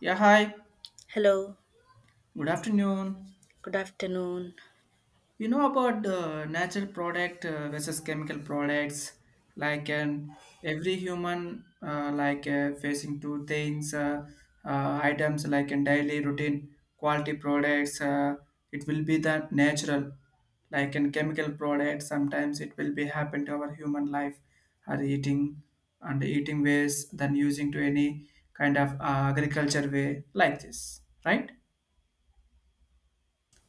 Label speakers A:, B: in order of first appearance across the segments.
A: Yeah, hi.
B: Hello,
A: Good afternoon.
B: good afternoon.
A: You know about the natural product versus chemical products. Like an every human, like facing two things, items like in daily routine quality products. It will be the natural, like in chemical product. Sometimes it will be happen to our human life, or eating and eating ways than using to any kind of agriculture way like this, right?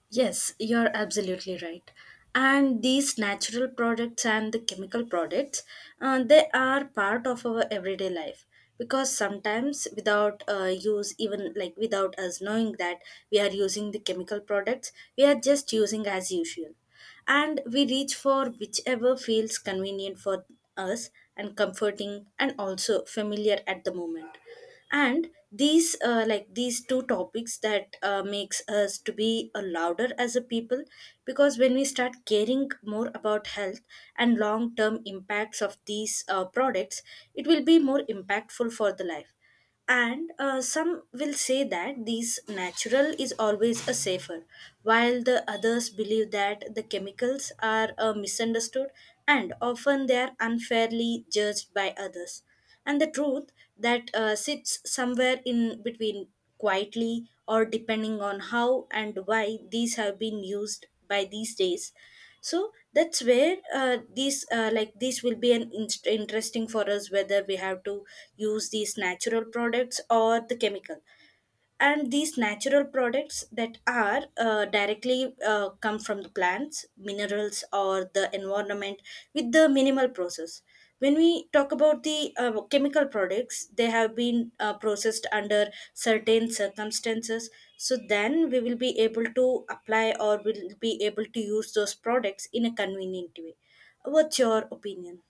B: Yes, you're absolutely right. And these natural products and the chemical products, they are part of our everyday life, because sometimes without use, even like without us knowing that we are using the chemical products, we are just using as usual. And we reach for whichever feels convenient for us and comforting and also familiar at the moment. And these like these two topics that makes us to be a louder as a people, because when we start caring more about health and long term impacts of these products, it will be more impactful for the life. And some will say that these natural is always a safer, while the others believe that the chemicals are misunderstood and often they are unfairly judged by others. And the truth that sits somewhere in between quietly, or depending on how and why these have been used by these days. So that's where these like this will be an interesting for us, whether we have to use these natural products or the chemical. And these natural products that are directly come from the plants minerals or the environment with the minimal process. When we talk about the chemical products, they have been processed under certain circumstances. So then we will be able to apply or will be able to use those products in a convenient way. What's your opinion?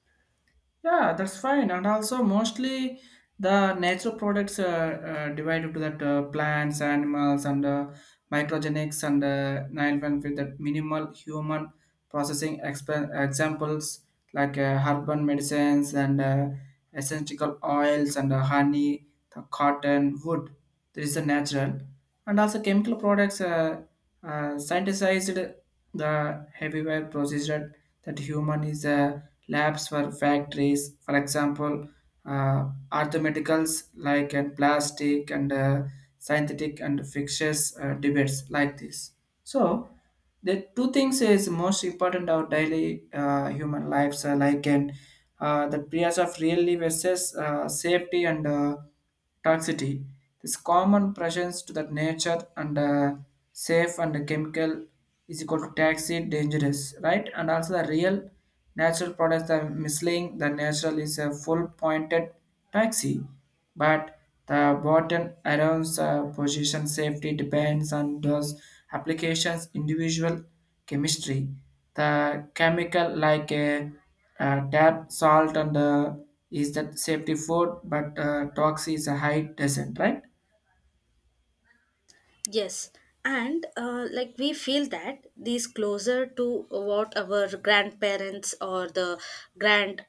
A: Yeah, that's fine. And also, mostly the natural products are divided to that plants, animals, and microgenics and 9 1 with that minimal human processing examples like urban medicines and essential oils and honey, the cotton, wood. There is a natural and also chemical products synthesized the heavyware procedure that human is a labs for factories, for example, arithmeticals like and plastic and synthetic and fixtures debates like this. So the two things is most important our daily human lives are like and the price of really versus safety and toxicity. This common presence to the nature and safe and the chemical is equal to toxic, dangerous, right? And also the real natural products are misleading. The natural is a full pointed taxi, but the bottom around position safety depends on those applications, individual chemistry. The chemical like a, tap, salt, and is that safety food, but talks is a high descent, right?
B: Yes, and like we feel that these closer to what our grandparents or the grand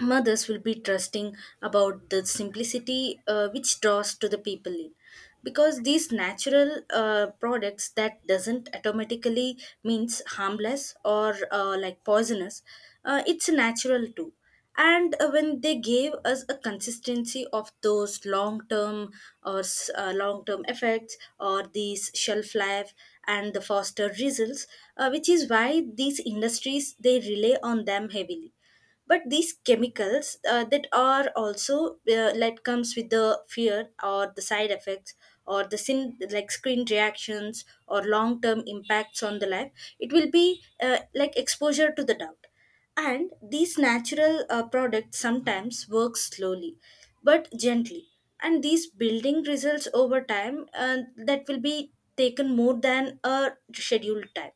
B: mothers will be trusting about the simplicity, which draws to the people in, because these natural products that doesn't automatically means harmless or like poisonous. It's natural too. And when they gave us a consistency of those long term or long term effects or these shelf life and the faster results, which is why these industries they rely on them heavily. But these chemicals that are also like comes with the fear or the side effects or the sin like screen reactions or long term impacts on the life, it will be like exposure to the doubt. And these natural products sometimes work slowly but gently. And these building results over time that will be taken more than a scheduled time.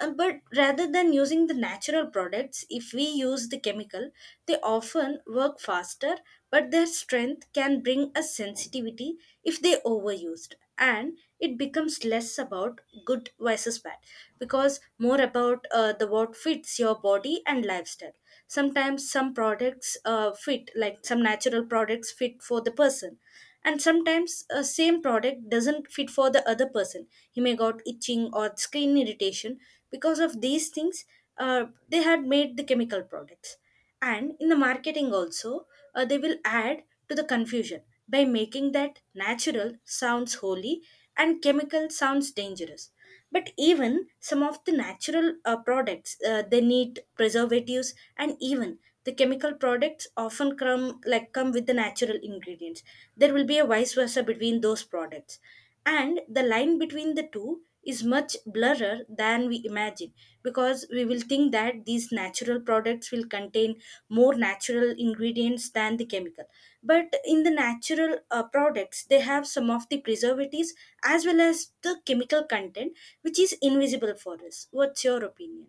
B: But rather than using the natural products, if we use the chemical, they often work faster, but their strength can bring a sensitivity if they overused. And it becomes less about good versus bad, because more about the what fits your body and lifestyle. Sometimes some products fit, like some natural products fit for the person. And sometimes a same product doesn't fit for the other person, he may got itching or skin irritation because of these things. They had made the chemical products. And in the marketing also, they will add to the confusion by making that natural sounds holy and chemical sounds dangerous. But even some of the natural products, they need preservatives. And even the chemical products often come with the natural ingredients. There will be a vice versa between those products, and the line between the two is much blurrer than we imagine, because we will think that these natural products will contain more natural ingredients than the chemical. But in the natural products they have some of the preservatives as well as the chemical content, which is invisible for us. What's your opinion?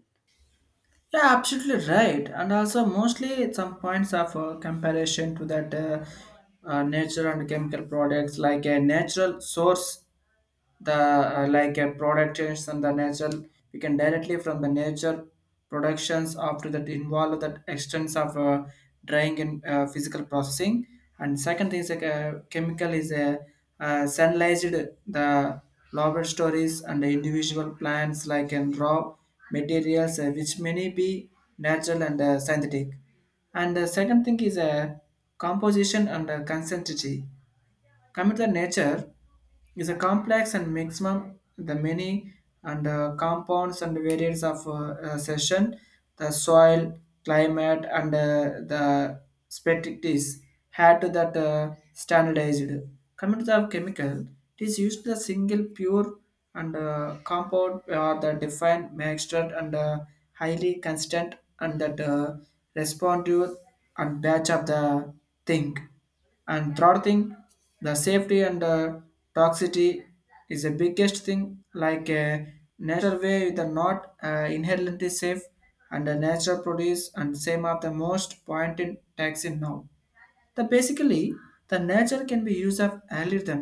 A: Yeah, absolutely right. And also, mostly some points of comparison to that natural and chemical products, like a natural source, the like a product change from the natural, we can directly from the nature productions after that involve that extents of drying and physical processing. And second thing is like a chemical is a sunlightized the laboratories and the individual plants like in raw materials which may be natural and synthetic. And the second thing is composition and consistency. Commit nature is a complex and maximum the many and compounds and variants of session, the soil, climate, and the specialties had to that standardized. Coming to the chemical, it is used the single pure and compound or the defined mixture and highly constant and that responsive and batch of the thing and third thing, the safety and toxicity is the biggest thing like a natural way with not inherently safe and the natural produce and same of the most point in taxing now the basically the nature can be used of algorithm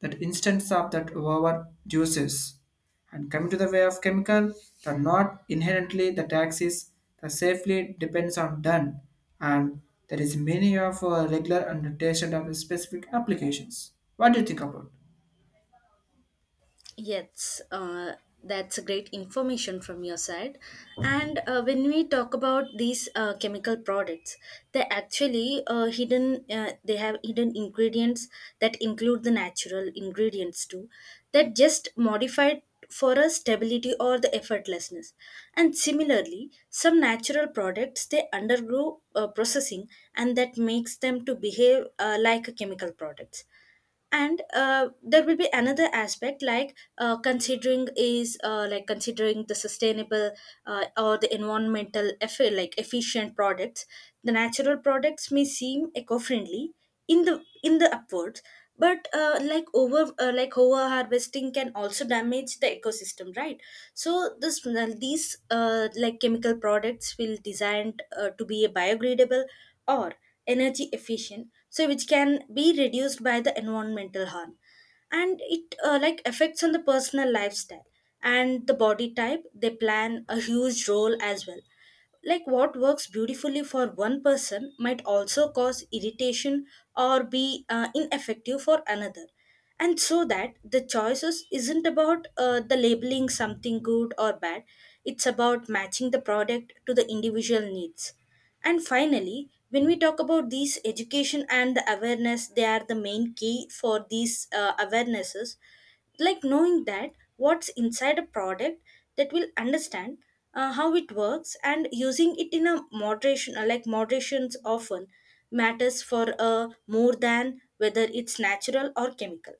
A: that instance of that over juices. And coming to the way of chemical, the not inherently the taxes, the safely depends on done, and there is many of regular and tested of specific applications. What do you think about?
B: Yes, that's a great information from your side. And when we talk about these chemical products, they actually hidden. They have hidden ingredients that include the natural ingredients too, that just modified for a stability or the effortlessness. And similarly, some natural products they undergo processing, and that makes them to behave like a chemical products. And there will be another aspect, like considering is like considering the sustainable or the environmental like efficient products. The natural products may seem eco-friendly in the upwards. But like over harvesting can also damage the ecosystem, right? So this these like chemical products will designed to be biodegradable or energy efficient, so which can be reduced by the environmental harm. And it like affects on the personal lifestyle. And the body type they plan a huge role as well, like what works beautifully for one person might also cause irritation or be ineffective for another. And so that the choices isn't about the labeling something good or bad, it's about matching the product to the individual needs. And finally, when we talk about these education and the awareness, they are the main key for these awarenesses. Like knowing that what's inside a product that will understand how it works, and using it in a moderation, like moderations often matters for more than whether it's natural or chemical.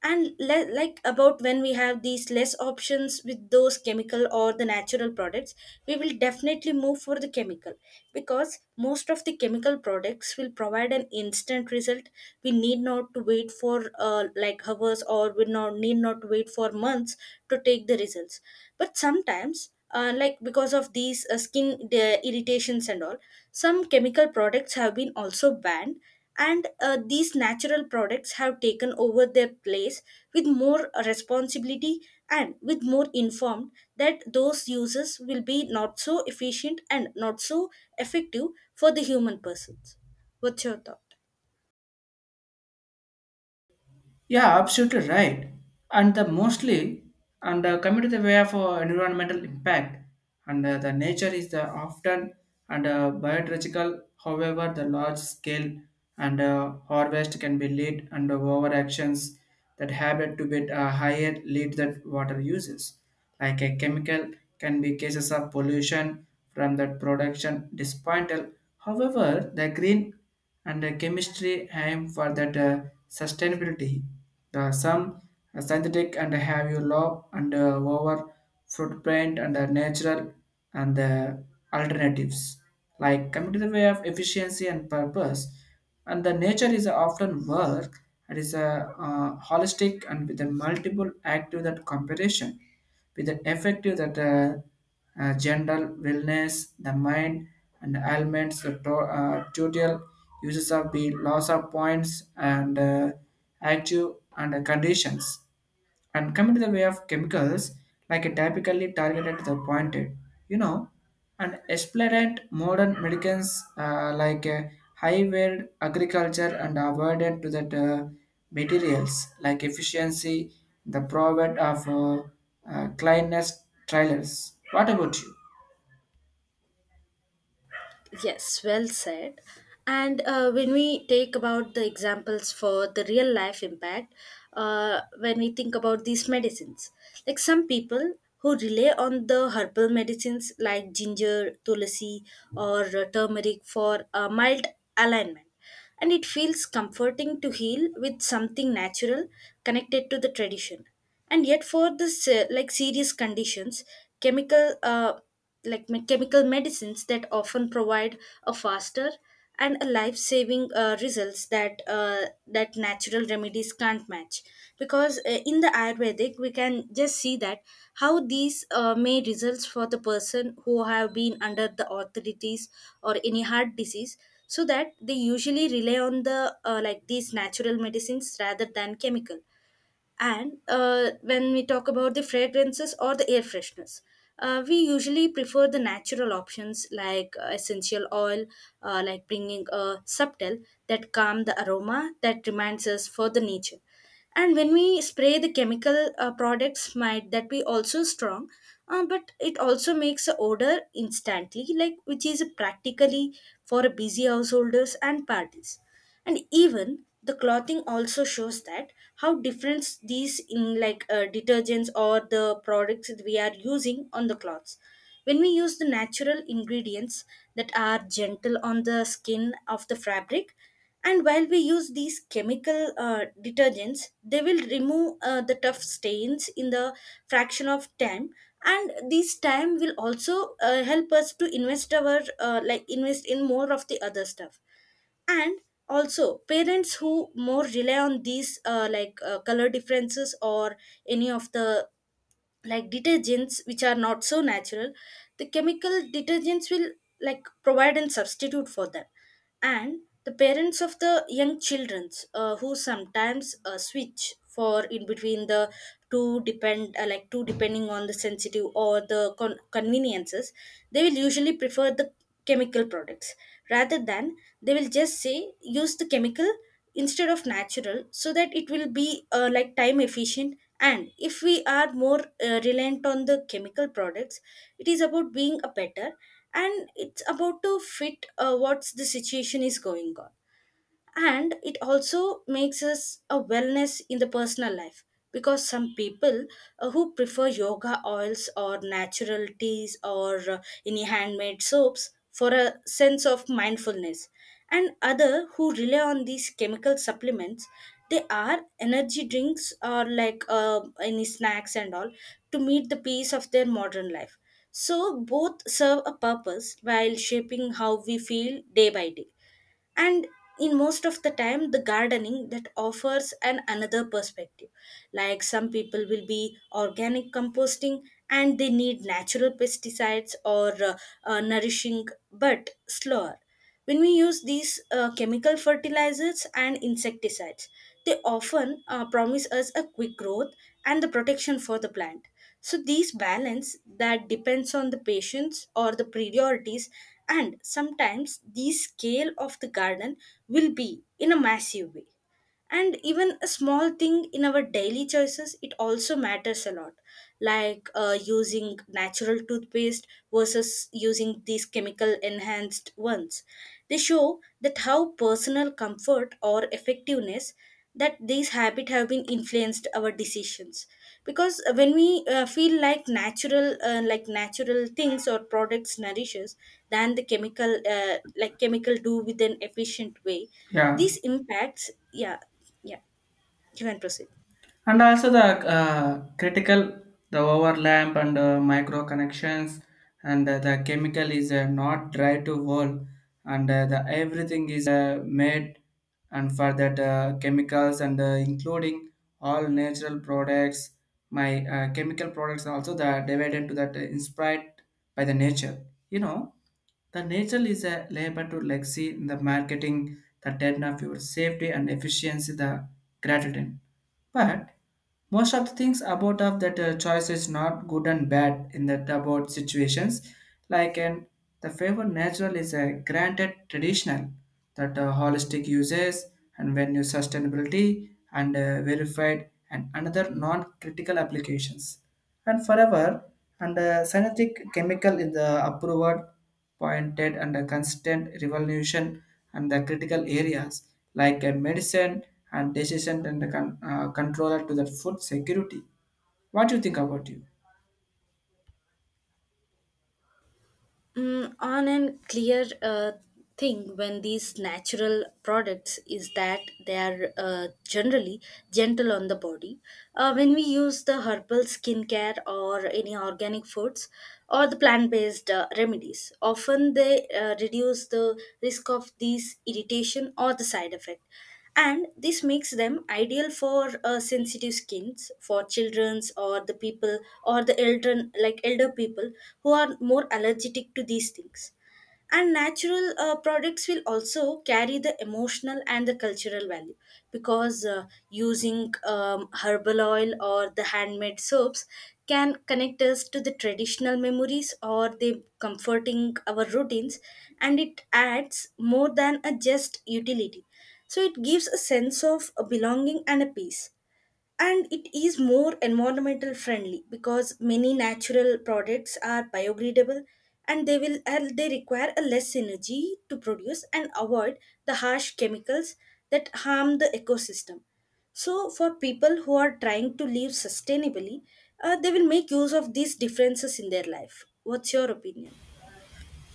B: And like about when we have these less options with those chemical or the natural products, we will definitely move for the chemical, because most of the chemical products will provide an instant result. We need not to wait for like hours, or we not need not to wait for months to take the results. But sometimes like because of these skin the irritations and all, some chemical products have been also banned. And these natural products have taken over their place with more responsibility and with more informed that those uses will be not so efficient and not so effective for the human persons. What's your thought?
A: Yeah, absolutely right. And the mostly and coming to the way of environmental impact and the nature is the often and biological. However, the large scale and harvest can be lead and over actions that habit to be a higher lead that water uses. Like a chemical can be cases of pollution from that production dispointal. However, the green and the chemistry aim for that sustainability. The some synthetic and have you low and over footprint and natural and the alternatives like coming to the way of efficiency and purpose and the nature is often work and is a holistic and with the multiple active that comparison with the effective that general wellness, the mind, and ailments, the total uses of the loss of points and active and conditions. And coming to the way of chemicals, like a typically targeted to the pointed, you know, and explorant modern medicines like a high yield agriculture and avoided to that materials like efficiency, the profit of cleanliness trailers. What about you?
B: Yes, well said. And when we take about the examples for the real life impact, when we think about these medicines, like some people who rely on the herbal medicines like ginger, tulsi, or turmeric for a mild alignment, and it feels comforting to heal with something natural connected to the tradition. And yet for this like serious conditions, chemical uh, chemical medicines that often provide a faster and a life-saving results that natural remedies can't match. Because in the ayurvedic we can just see that how these may results for the person who have been under the authorities or any heart disease. So that they usually rely on the like these natural medicines rather than chemical. And when we talk about the fragrances or the air fresheners, we usually prefer the natural options like essential oil, like bringing a subtle that calm the aroma that reminds us for the nature. And when we spray the chemical products might that be also strong, but it also makes the odor instantly, like which is practically for a busy householders and parties. And even the clothing also shows that how different these in like detergents or the products that we are using on the clothes. When we use the natural ingredients that are gentle on the skin of the fabric. And while we use these chemical detergents, they will remove the tough stains in the fraction of time. And this time will also help us to invest our like invest in more of the other stuff. And also, parents who more rely on these like color differences or any of the like detergents which are not so natural, the chemical detergents will like provide and substitute for them. And the parents of the young children who sometimes switch for in between the two depend like two depending on the sensitive or the conveniences, they will usually prefer the chemical products, rather than they will just say use the chemical instead of natural, so that it will be like time efficient. And if we are more reliant on the chemical products, it is about being a better, and it's about to fit what's the situation is going on. And it also makes us a wellness in the personal life, because some people who prefer yoga oils or natural teas or any handmade soaps for a sense of mindfulness, and other who rely on these chemical supplements, they are energy drinks or like any snacks and all to meet the pace of their modern life. So both serve a purpose while shaping how we feel day by day. And in most of the time, the gardening that offers an another perspective. Like some people will be organic composting and they need natural pesticides or nourishing but slower. When we use these chemical fertilizers and insecticides, they often promise us a quick growth and the protection for the plant. So these balance that depends on the patients or the priorities, and sometimes the scale of the garden will be in a massive way, and even a small thing in our daily choices, it also matters a lot, like using natural toothpaste versus using these chemical enhanced ones. They show that how personal comfort or effectiveness, that these habits have been influenced our decisions, because when we feel like natural natural things or products nourishes than the chemical chemical do with an efficient way,
A: Yeah.
B: these impacts. Yeah, yeah, you can proceed.
A: And also the critical the overlap and micro connections and the chemical is not dry to whole and the everything is made and for that chemicals and including all natural products my chemical products also the divided to that inspired by the nature, you know, the nature is a labor to legacy in the marketing, the dead of your safety and efficiency, the gratitude. But most of the things about of that choice is not good and bad in that about situations. Like and the favor natural is a granted traditional that holistic uses and venue sustainability and verified and another non-critical applications and forever and synthetic chemical is the approved pointed and a constant revolution and the critical areas like a medicine and decision and the controller to the food security. What do you think about you?
B: Mm, on and clear thing when these natural products is that they are generally gentle on the body. When we use the herbal skincare or any organic foods or the plant-based remedies, often they reduce the risk of these irritation or the side effect, and this makes them ideal for sensitive skins for children's or the people or the elder, elder people who are more allergic to these things. And natural products will also carry the emotional and the cultural value, because using herbal oil or the handmade soaps can connect us to the traditional memories or the comforting our routines, and it adds more than a just utility, so it gives a sense of a belonging and a peace. And it is more environmental friendly because many natural products are biodegradable, and they will and they require a less energy to produce and avoid the harsh chemicals that harm the ecosystem. So for people who are trying to live sustainably, they will make use of these differences in their life. What's your opinion?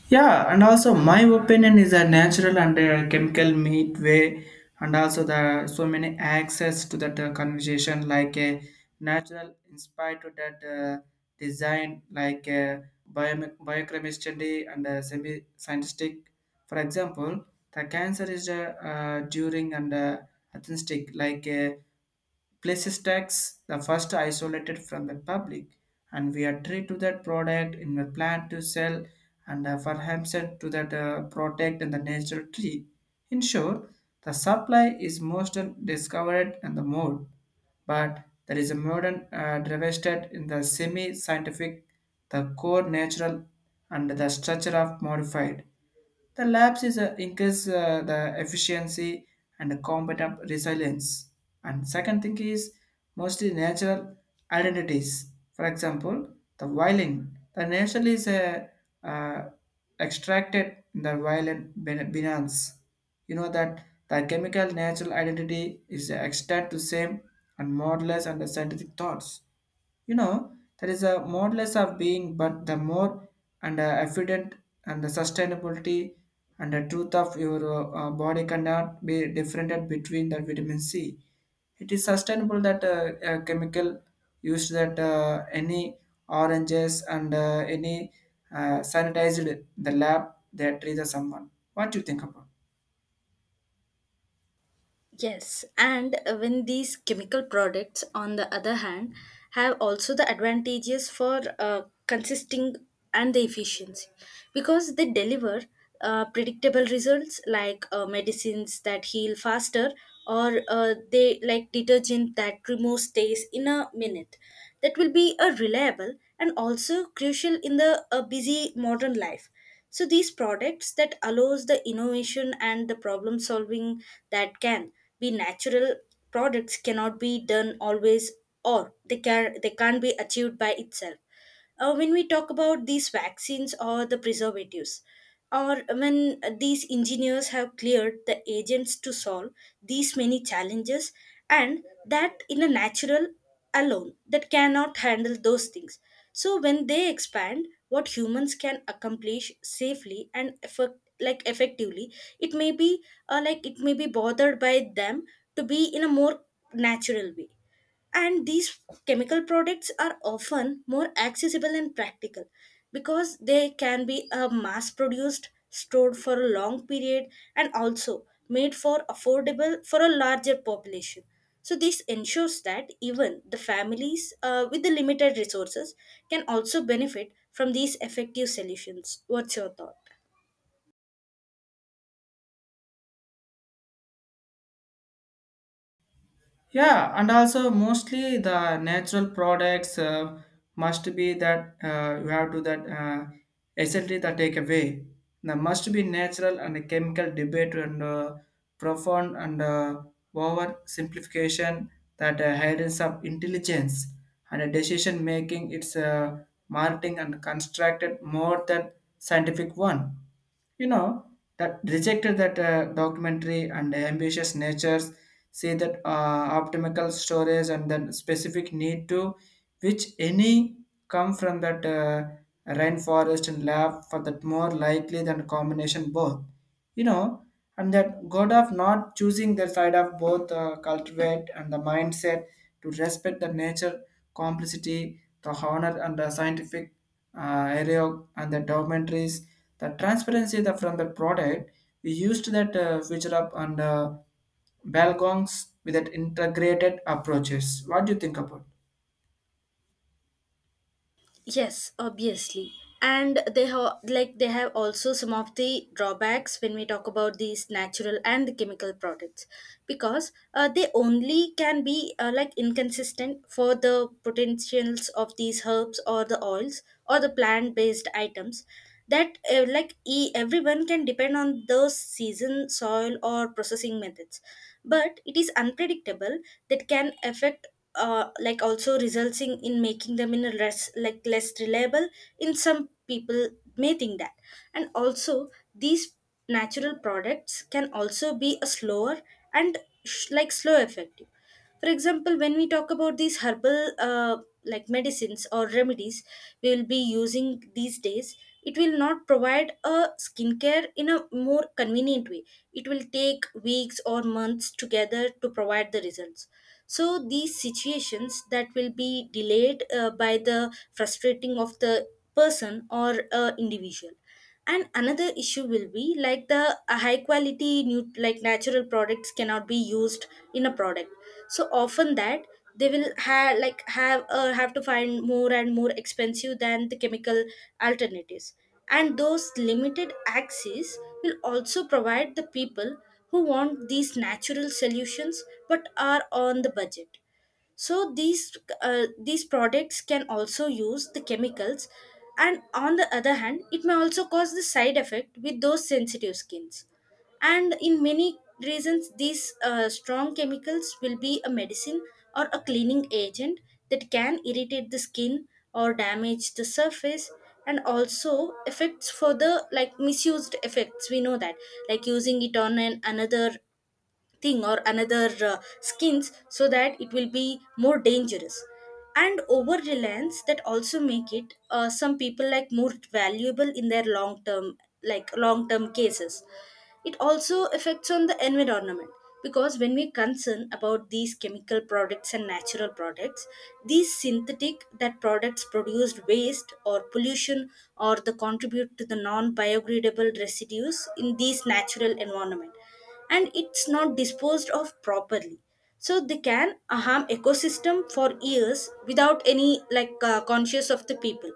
A: Yeah, and also my opinion is a natural and chemical meat way, and also the so many access to that conversation like a natural inspired to that design like biochemistry and semi scientific. For example, the cancer is during and athenistic like. Places tax the first isolated from the public and we are treated to that product in the plan to sell and for Hampstead to that protect and the natural tree. Ensure the supply is most discovered and the mode but there is a modern devastated in the semi-scientific, the core natural, and the structure of modified. The labs is increase the efficiency and the competent resilience. And second thing is mostly natural identities. For example, the violin. The natural is uh, extracted in the violin binance. You know that the chemical natural identity is extract to same and modulus and the scientific thoughts. You know, that is a modulus of being, but the more and evident and the sustainability and the truth of your body cannot be differentiated between the vitamin C. It is sustainable that a chemical used that any oranges and any sanitized the lab that treats someone. What do you think about?
B: Yes, and when these chemical products, on the other hand, have also the advantages for consisting and the efficiency, because they deliver predictable results, like medicines that heal faster, or they like detergent that removes stains in a minute. That will be a reliable and also crucial in the busy modern life. So these products that allows the innovation and the problem solving that can be natural, products cannot be done always, or they can't be achieved by itself. When we talk about these vaccines or the preservatives, or when these engineers have cleared the agents to solve these many challenges, and that in a natural alone that cannot handle those things. So when they expand what humans can accomplish safely and effectively, it may be it may be bothered by them to be in a more natural way. And these chemical products are often more accessible and practical, because they can be mass produced, stored for a long period, and also made for affordable for a larger population. So this ensures that even the families with the limited resources can also benefit from these effective solutions. What's your thought?
A: Yeah, and also mostly the natural products must be that you have to that essentially the takeaway. There must be natural and a chemical debate and profound and over simplification that hides of intelligence and a decision making. It's marketing and constructed more than scientific one, you know, that rejected that documentary and ambitious natures say that optimal storage and then specific need to which any come from that rainforest and lab for that more likely than combination both, you know, and that god of not choosing the side of both cultivate and the mindset to respect the nature complexity the honor and the scientific area and the documentaries the transparency the, from the product we used that feature up and balgongs with that integrated approaches. What do you think about?
B: Yes, obviously. And they have also some of the drawbacks when we talk about these natural and the chemical products, because they only can be inconsistent for the potentials of these herbs or the oils or the plant based items, that everyone can depend on those season soil or processing methods, but it is unpredictable that can affect, like also resulting in making them in a less reliable in some people, may think that. And also these natural products can also be a slower and slow effective. For example, when we talk about these herbal medicines or remedies we will be using these days, it will not provide a skincare in a more convenient way. It will take weeks or months together to provide the results. So these situations that will be delayed by the frustrating of the person or individual. And another issue will be like the high quality new like natural products cannot be used in a product, so often that they will have like have to find more and more expensive than the chemical alternatives. And those limited access will also provide the people who want these natural solutions but are on the budget. So these products can also use the chemicals, and on the other hand it may also cause the side effect with those sensitive skins. And in many reasons, these strong chemicals will be a medicine or a cleaning agent that can irritate the skin or damage the surface. And also effects for the like misused effects, we know that, like using it on an another thing or another skins, so that it will be more dangerous. And over reliance that also make it some people like more valuable in their long term cases. It also affects on the environment, because when we concern about these chemical products and natural products, these synthetic that products produced waste or pollution, or the contribute to the non biodegradable residues in these natural environment, and it's not disposed of properly, so they can harm ecosystem for years without any conscious of the people.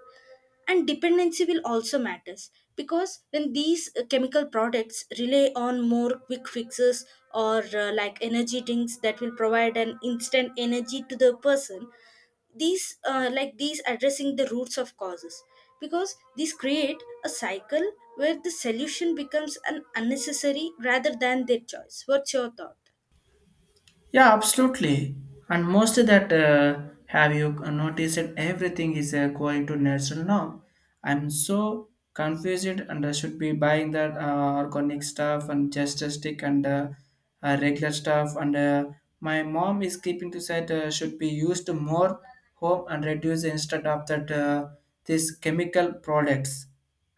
B: And dependency will also matters, because when these chemical products rely on more quick fixes or energy drinks that will provide an instant energy to the person, these these addressing the roots of causes, because these create a cycle where the solution becomes an unnecessary rather than their choice. What's your thought?
A: Yeah, absolutely. And mostly that have you noticed that everything is going to natural now? I'm so confused and I should be buying that organic stuff and just a stick and regular stuff. And my mom is keeping to say should be used more home and reduce instead of that this chemical products.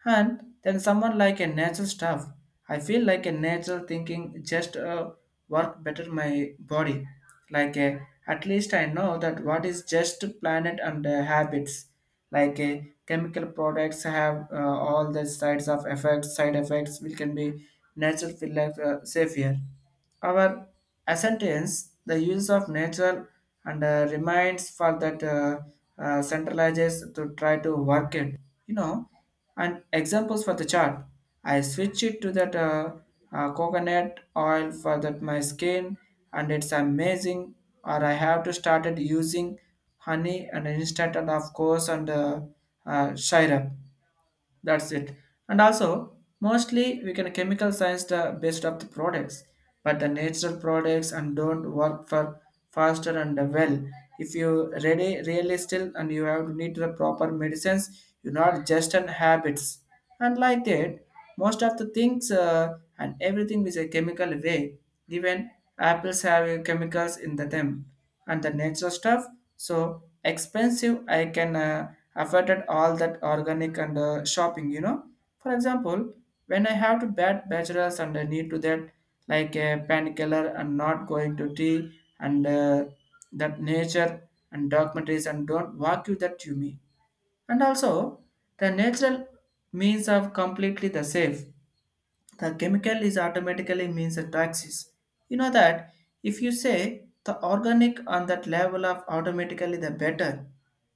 A: And then someone like a natural stuff. I feel like a natural thinking just work better my body. Like a, at least I know that what is just planet and habits. Like a, chemical products have all the sides of effects, side effects which can be natural feel like safer. Our ascendance, the use of natural and reminds for that centralizes to try to work it, you know, and examples for the chart, I switch it to that coconut oil for that my skin and it's amazing or I have to started using honey and instant and of course and syrup. That's it. And also, mostly we can chemical science the best of the products, but the natural products and don't work for faster and well. If you ready really still and you have to need the proper medicines, you not just an habits. And like that, most of the things and everything is a chemical way. Even apples have chemicals in the them and the natural stuff. So expensive, I can afford it all that organic and shopping. You know, for example, when I have to bad bachelors and I need to that like a painkiller and not going to tea and that nature and documentaries and don't walk you that to me. And also, the natural means of completely the safe the chemical is automatically means a taxis. You know that if you say the organic on that level of automatically the better,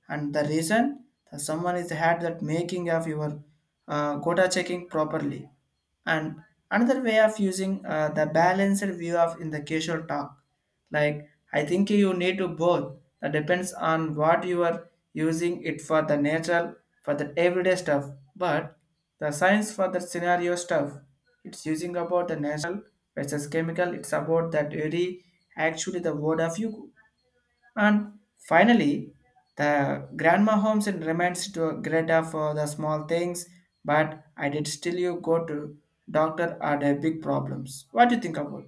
A: and the reason that someone is had that making of your quota checking properly and another way of using the balanced view of in the casual talk like I think you need to both that depends on what you are using it for the natural for the everyday stuff but the science for the scenario stuff it's using about the natural versus chemical it's about that very actually the word of you and finally, the grandma homes and remains to Greta for the small things, but I did still you go to doctor are the big problems. What do you think about?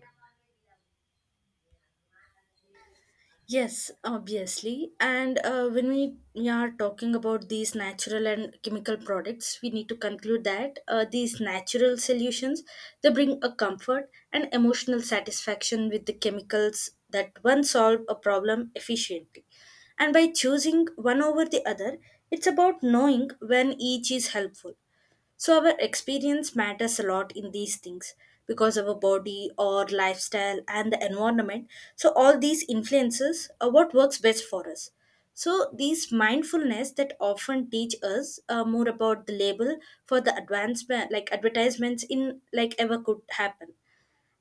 B: Yes, obviously. And when we are talking about these natural and chemical products, we need to conclude that these natural solutions, they bring a comfort and emotional satisfaction with the chemicals that one solve a problem efficiently. And by choosing one over the other, it's about knowing when each is helpful. So our experience matters a lot in these things, because our body or lifestyle and the environment. So all these influences are what works best for us. So these mindfulness that often teach us more about the label for the advancement, like advertisements in like ever could happen.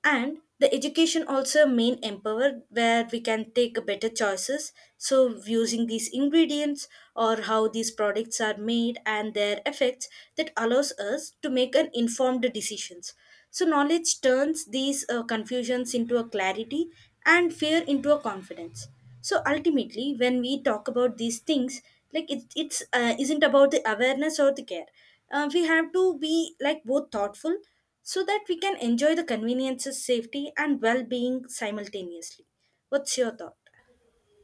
B: And the education also main empower where we can take better choices, so using these ingredients or how these products are made and their effects, that allows us to make an informed decisions. So knowledge turns these confusions into a clarity and fear into a confidence. So ultimately when we talk about these things, it's isn't about the awareness or the care. We have to be like both thoughtful, so that we can enjoy the conveniences, safety, and well being simultaneously. What's your thought?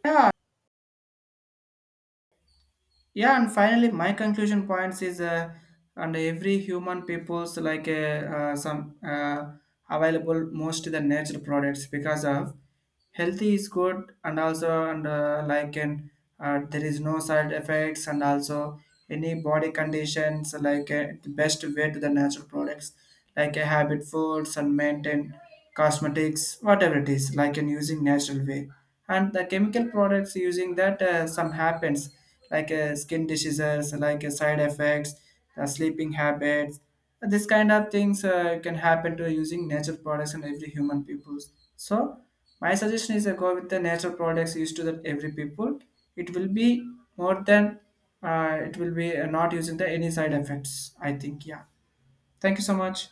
A: Yeah, yeah. And finally, my conclusion points is, and every human people's like some available most of the natural products because of healthy is good and also and like and there is no side effects and also any body conditions like the best way to the natural products like a habit foods and maintain cosmetics whatever it is like in using natural way and the chemical products using that some happens like skin diseases like side effects the sleeping habits this kind of things can happen to using natural products in every human peoples so my suggestion is to go with the natural products used to that every people. It will be more than it will be not using the any side effects. I think, yeah. Thank you so much.